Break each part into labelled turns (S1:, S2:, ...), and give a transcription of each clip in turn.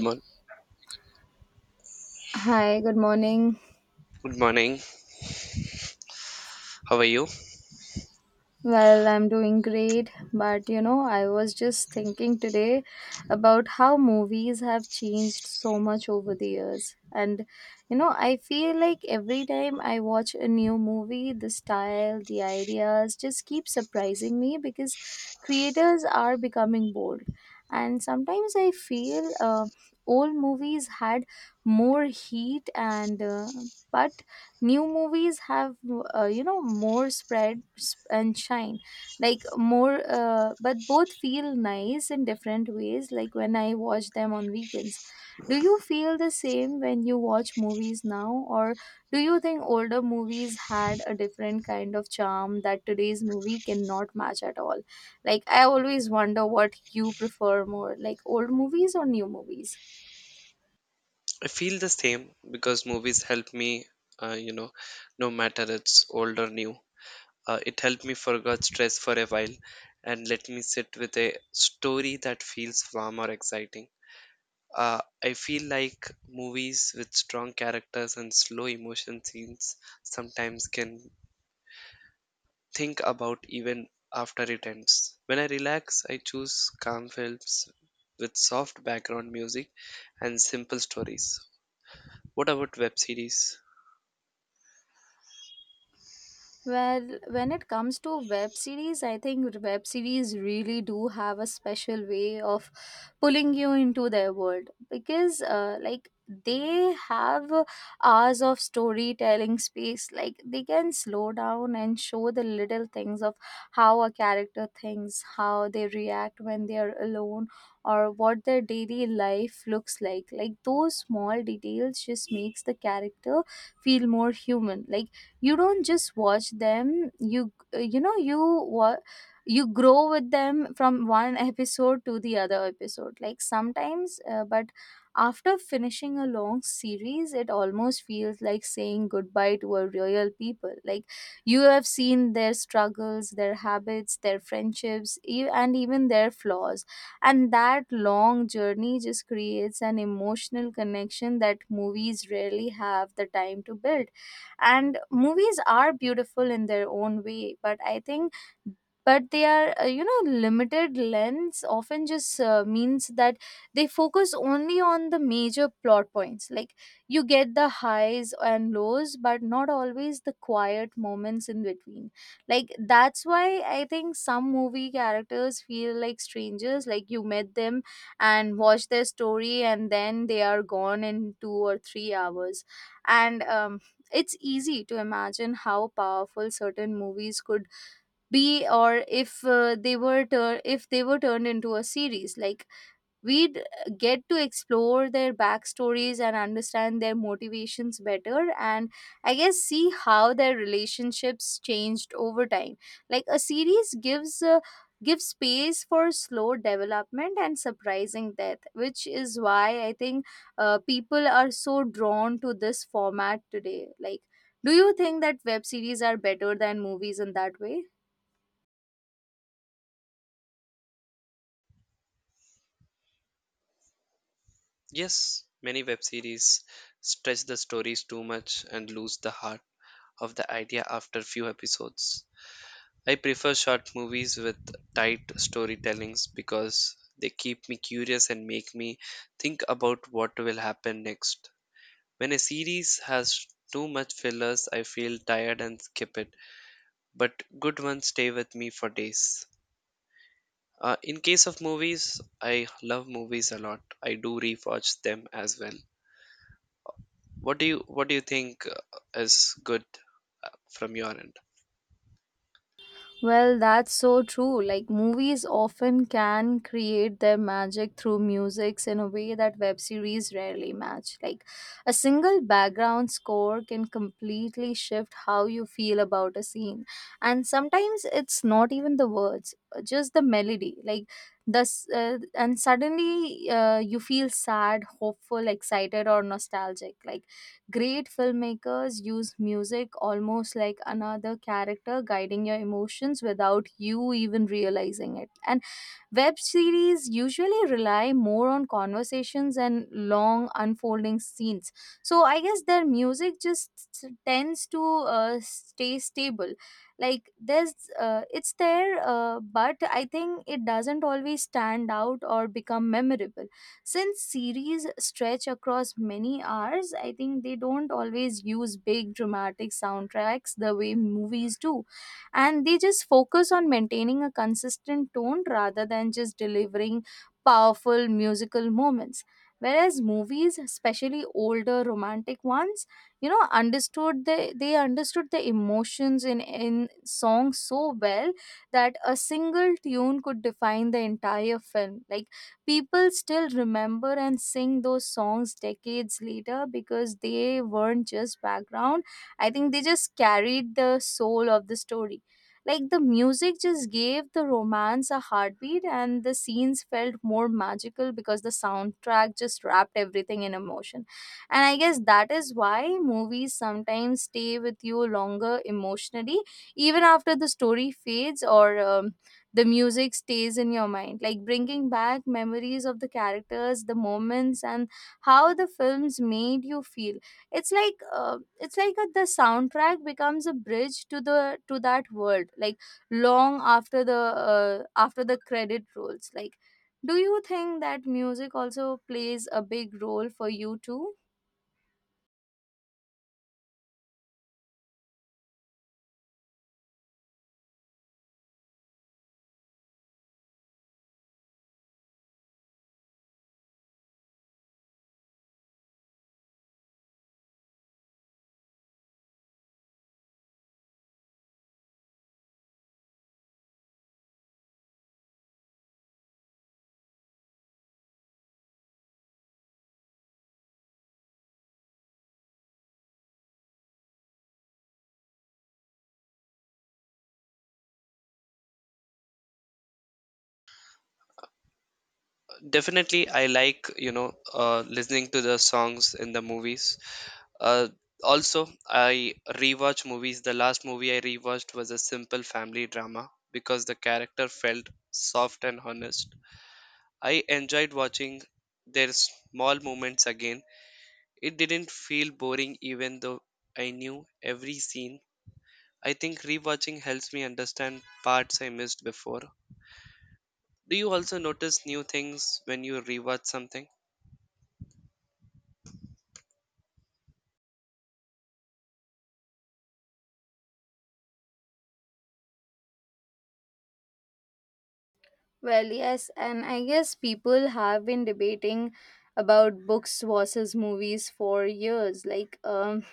S1: Mor-
S2: Hi, good morning.
S1: Good morning. How are you?
S2: Well, I'm doing great, but you know, I was just thinking today about how movies have changed so much over the years. And you know, I feel like every time I watch a new movie, the style, the ideas just keep surprising me because creators are becoming bold. And sometimes I feel old movies had more heat and but new movies have you know more and shine like more but both feel nice in different ways, like when I watch them on weekends. Do you feel the same when you watch movies now, or do you think older movies had a different kind of charm that today's movie cannot match at all? Like, I always wonder what you prefer more, like old movies or new movies.
S1: I feel the same because movies help me, uh, you know, no matter it's old or new. It helped me forget stress for a while and let me sit with a story that feels warm or exciting. I feel like movies with strong characters and slow emotion scenes sometimes can think about even after it ends. When I relax, I choose calm films with soft background music and simple stories. What about web series?
S2: Well, when it comes to web series, I think web series really do have a special way of pulling you into their world because, like, they have hours of storytelling space. Like, they can slow down and show the little things of how a character thinks, how they react when they are alone, or what their daily life looks like. Like, those small details just makes the character feel more human. Like, you don't just watch them what you grow with them from one episode to the other episode. Like, sometimes but after finishing a long series, it almost feels like saying goodbye to a real people. Like, you have seen their struggles, their habits, their and even their flaws, and that long journey just creates an emotional connection that movies rarely have the time to build. And movies are beautiful in their own way, but I think but they are you know limited lens often just means that they focus only on the major plot points. Like, you get the highs and lows but not always the quiet moments in between. Like, that's why I think some movie characters feel like strangers. Like, you met them and watch their story and then they are gone in 2 or 3 hours. And it's easy to imagine how powerful certain movies could be, or if if they were turned into a series. Like, we'd get to explore their backstories and understand their motivations better, and I guess see how their relationships changed over time. Like, a series gives gives space for slow development and surprising death, which is why I think people are so drawn to this format today. Like, do you think that web series are better than movies in that way?
S1: Yes, many web series stretch the stories too much and lose the heart of the idea after few episodes. I prefer short movies with tight storytellings because they keep me curious and make me think about what will happen next. When a series has too much fillers, I feel tired and skip it, but good ones stay with me for days. In case of movies, I love movies a lot. I do rewatch them as well. What do you think, is good from your end?
S2: Well, that's so true. Like, movies often can create their magic through musics in a way that web series rarely match. Like, a single background score can completely shift how you feel about a scene. And sometimes it's not even the words, just the melody. Like, and suddenly you feel sad, hopeful, excited, or nostalgic. Like, great filmmakers use music almost like another character guiding your emotions without you even realizing it. And web series usually rely more on conversations and long unfolding scenes. So I guess their music just tends to stay stable. Like, it's there, but I think it doesn't always stand out or become memorable. Since series stretch across many hours, I think they don't always use big dramatic soundtracks the way movies do, and they just focus on maintaining a consistent tone rather than just delivering powerful musical moments, whereas movies, especially older romantic ones, you know, understood the, they understood the emotions in songs so well that a single tune could define the entire film. Like, people still remember and sing those songs decades later because they weren't just background. I think they just carried the soul of the story. Like, the music just gave the romance a heartbeat, and the scenes felt more magical because the soundtrack just wrapped everything in emotion. And I guess that is why movies sometimes stay with you longer emotionally, even after the story fades or the music stays in your mind, like bringing back memories of the characters, the moments, and how the films made you feel. It's it's like the soundtrack becomes a bridge to the to that world, like long after the credit rolls. Like, do you think that music also plays a big role for you too?
S1: Definitely. I like listening to the songs in the movies. uh, Also, I rewatch movies. The last movie I rewatched was a simple family drama because the character felt soft and honest. I enjoyed watching their small moments again. It didn't feel boring even though I knew every scene. I think rewatching helps me understand parts I missed before. Do you also notice new things when you rewatch something?
S2: Well, yes, and I guess people have been debating about books versus movies for years. Like,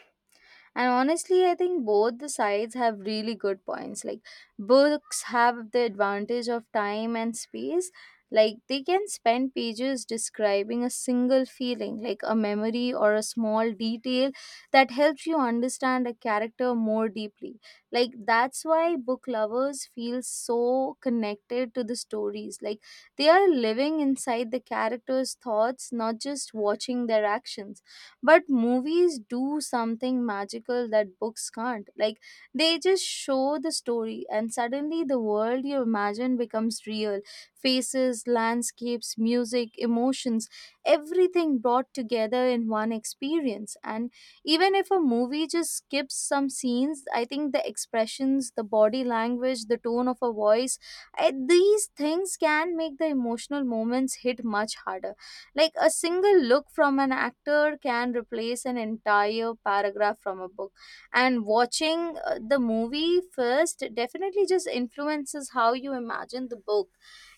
S2: and honestly, I think both the sides have really good points. Like, books have the advantage of time and space. Like, they can spend pages describing a single feeling, like a memory or a small detail that helps you understand a character more deeply. Like, that's why book lovers feel so connected to the stories. Like, they are living inside the characters thoughts, not just watching their actions. But movies do something magical that books can't. Like, they just show the story, and suddenly the world you imagine becomes real. Faces, landscapes, music, emotions, everything brought together in one experience. And even if a movie just skips some scenes, I think the expressions, the body language, the tone of a voice, these things can make the emotional moments hit much harder. Like, a single look from an actor can replace an entire paragraph from a book. And watching the movie first definitely just influences how you imagine the book.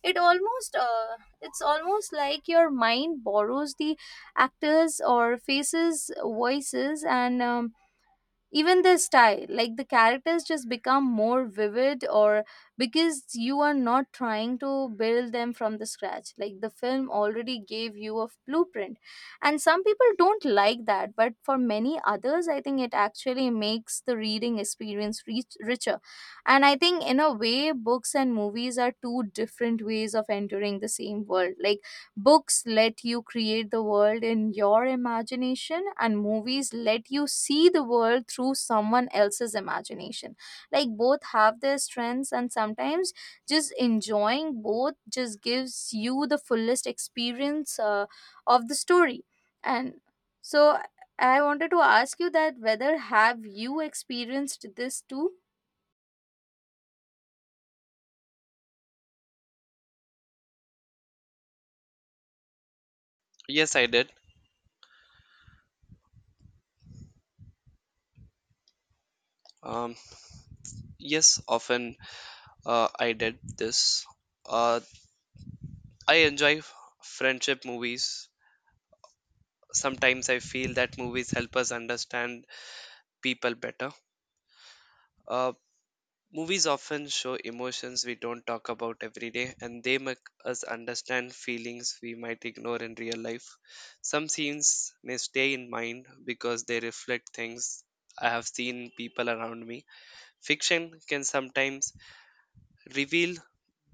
S2: It almost it's almost like your mind borrows the actors or faces voices and even their style. Like, the characters just become more vivid or because you are not trying to build them from the scratch. Like, the film already gave you a blueprint, and some people don't like that, but for many others I think it actually makes the reading experience richer. And I think in a way, books and movies are two different ways of entering the same world. Like, books let you create the world in your imagination, and movies let you see the world through someone else's imagination. Like, both have their strengths, and sometimes just enjoying both just gives you the fullest experience of the story. And so, I wanted to ask you that whether have you experienced this too?
S1: Yes, I did. Um, yes, often, I did this. Uh, I enjoy friendship movies. Sometimes I feel that movies help us understand people better. Uh, Movies often show emotions we don't talk about every day, and they make us understand feelings we might ignore in real life. Some scenes may stay in mind because they reflect things I have seen people around me. Fiction can sometimes reveal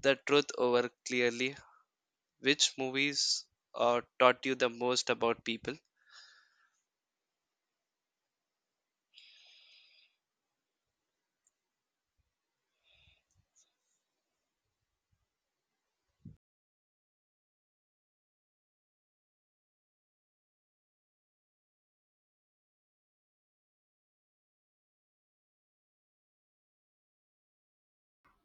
S1: the truth over clearly. Which movies, taught you the most about people?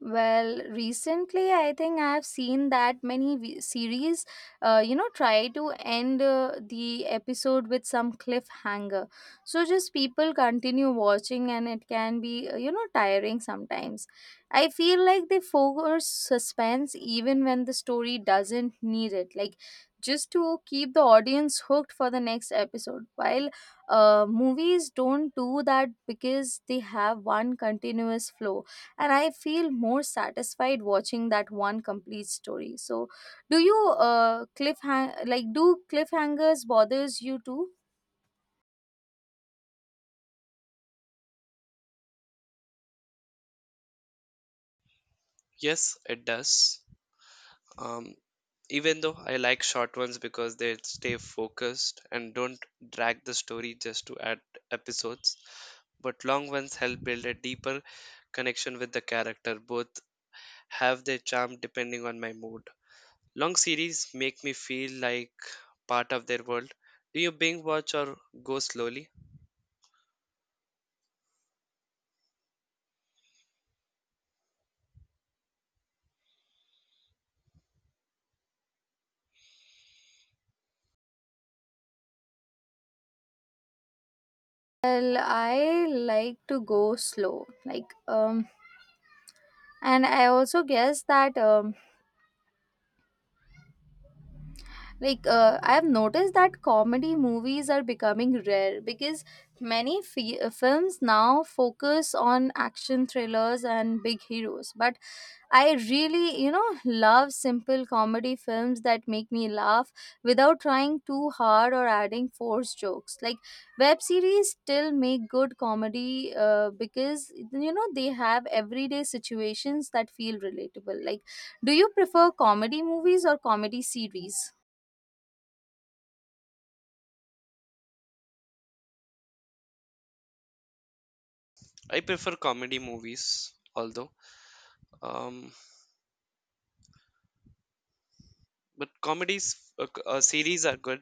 S2: Well, recently I think I have seen that many series, you know, try to end the episode with some cliffhanger. So just people continue watching and it can be, you know, tiring sometimes. I feel like they force suspense even when the story doesn't need it. Like, just to keep the audience hooked for the next episode. While movies don't do that because they have one continuous flow, and I feel more satisfied watching that one complete story. So do you cliffhang like do cliffhangers bothers you too?
S1: Yes, it does. Um, Even though I like short ones because they stay focused and don't drag the story just to add episodes, but long ones help build a deeper connection with the character. Both have their charm depending on my mood. Long series make me feel like part of their world. Do you binge watch or go slowly?
S2: Well, I like to go slow, like, and I also guess that, like, I have noticed that comedy movies are becoming rare because many films now focus on action thrillers and big heroes, but I really, you know, love simple comedy films that make me laugh without trying too hard or adding forced jokes. Like, web series still make good comedy because you know they have everyday situations that feel relatable. Like, do you prefer comedy movies or comedy series?
S1: I prefer comedy movies, although, um, but comedies series are good.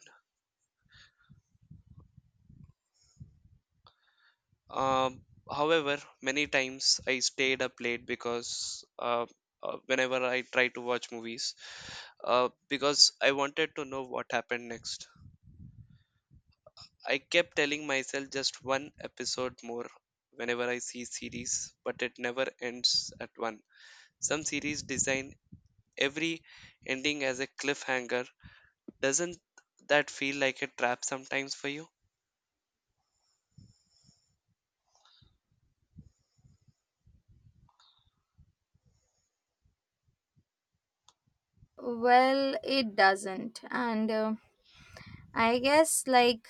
S1: Um, However, many times I stayed up late because whenever I try to watch movies, because I wanted to know what happened next. I kept telling myself just one episode more whenever I see series, but it never ends at one. Some series design every ending as a cliffhanger. Doesn't that feel like a trap sometimes for you?
S2: Well, it doesn't. And I guess like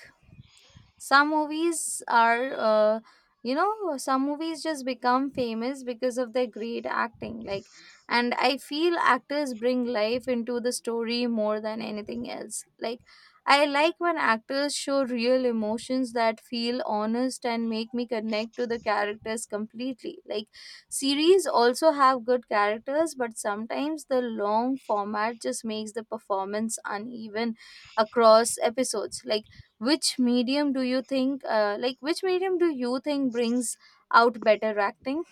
S2: some movies are you know, some movies just become famous because of their great acting. Like, and I feel actors bring life into the story more than anything else. Like, I like when actors show real emotions that feel honest and make me connect to the characters completely. Like, series also have good characters, but sometimes the long format just makes the performance uneven across episodes. Like, which medium do you think, brings out better acting?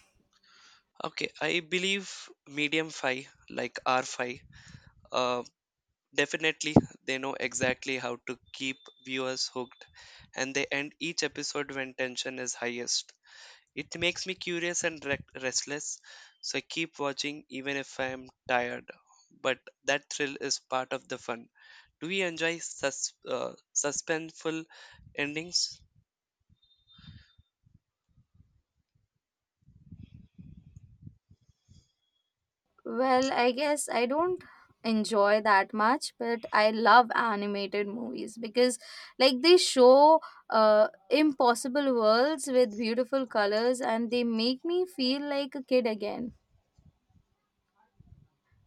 S1: Okay, I believe medium five, like R5, uh, definitely they know exactly how to keep viewers hooked, and they end each episode when tension is highest. It makes me curious and restless, so I keep watching even if I am tired. But that thrill is part of the fun. Do we enjoy suspenseful endings?
S2: Well, I guess I don't enjoy that much, but I love animated movies because, like, they show impossible worlds with beautiful colors and they make me feel like a kid again.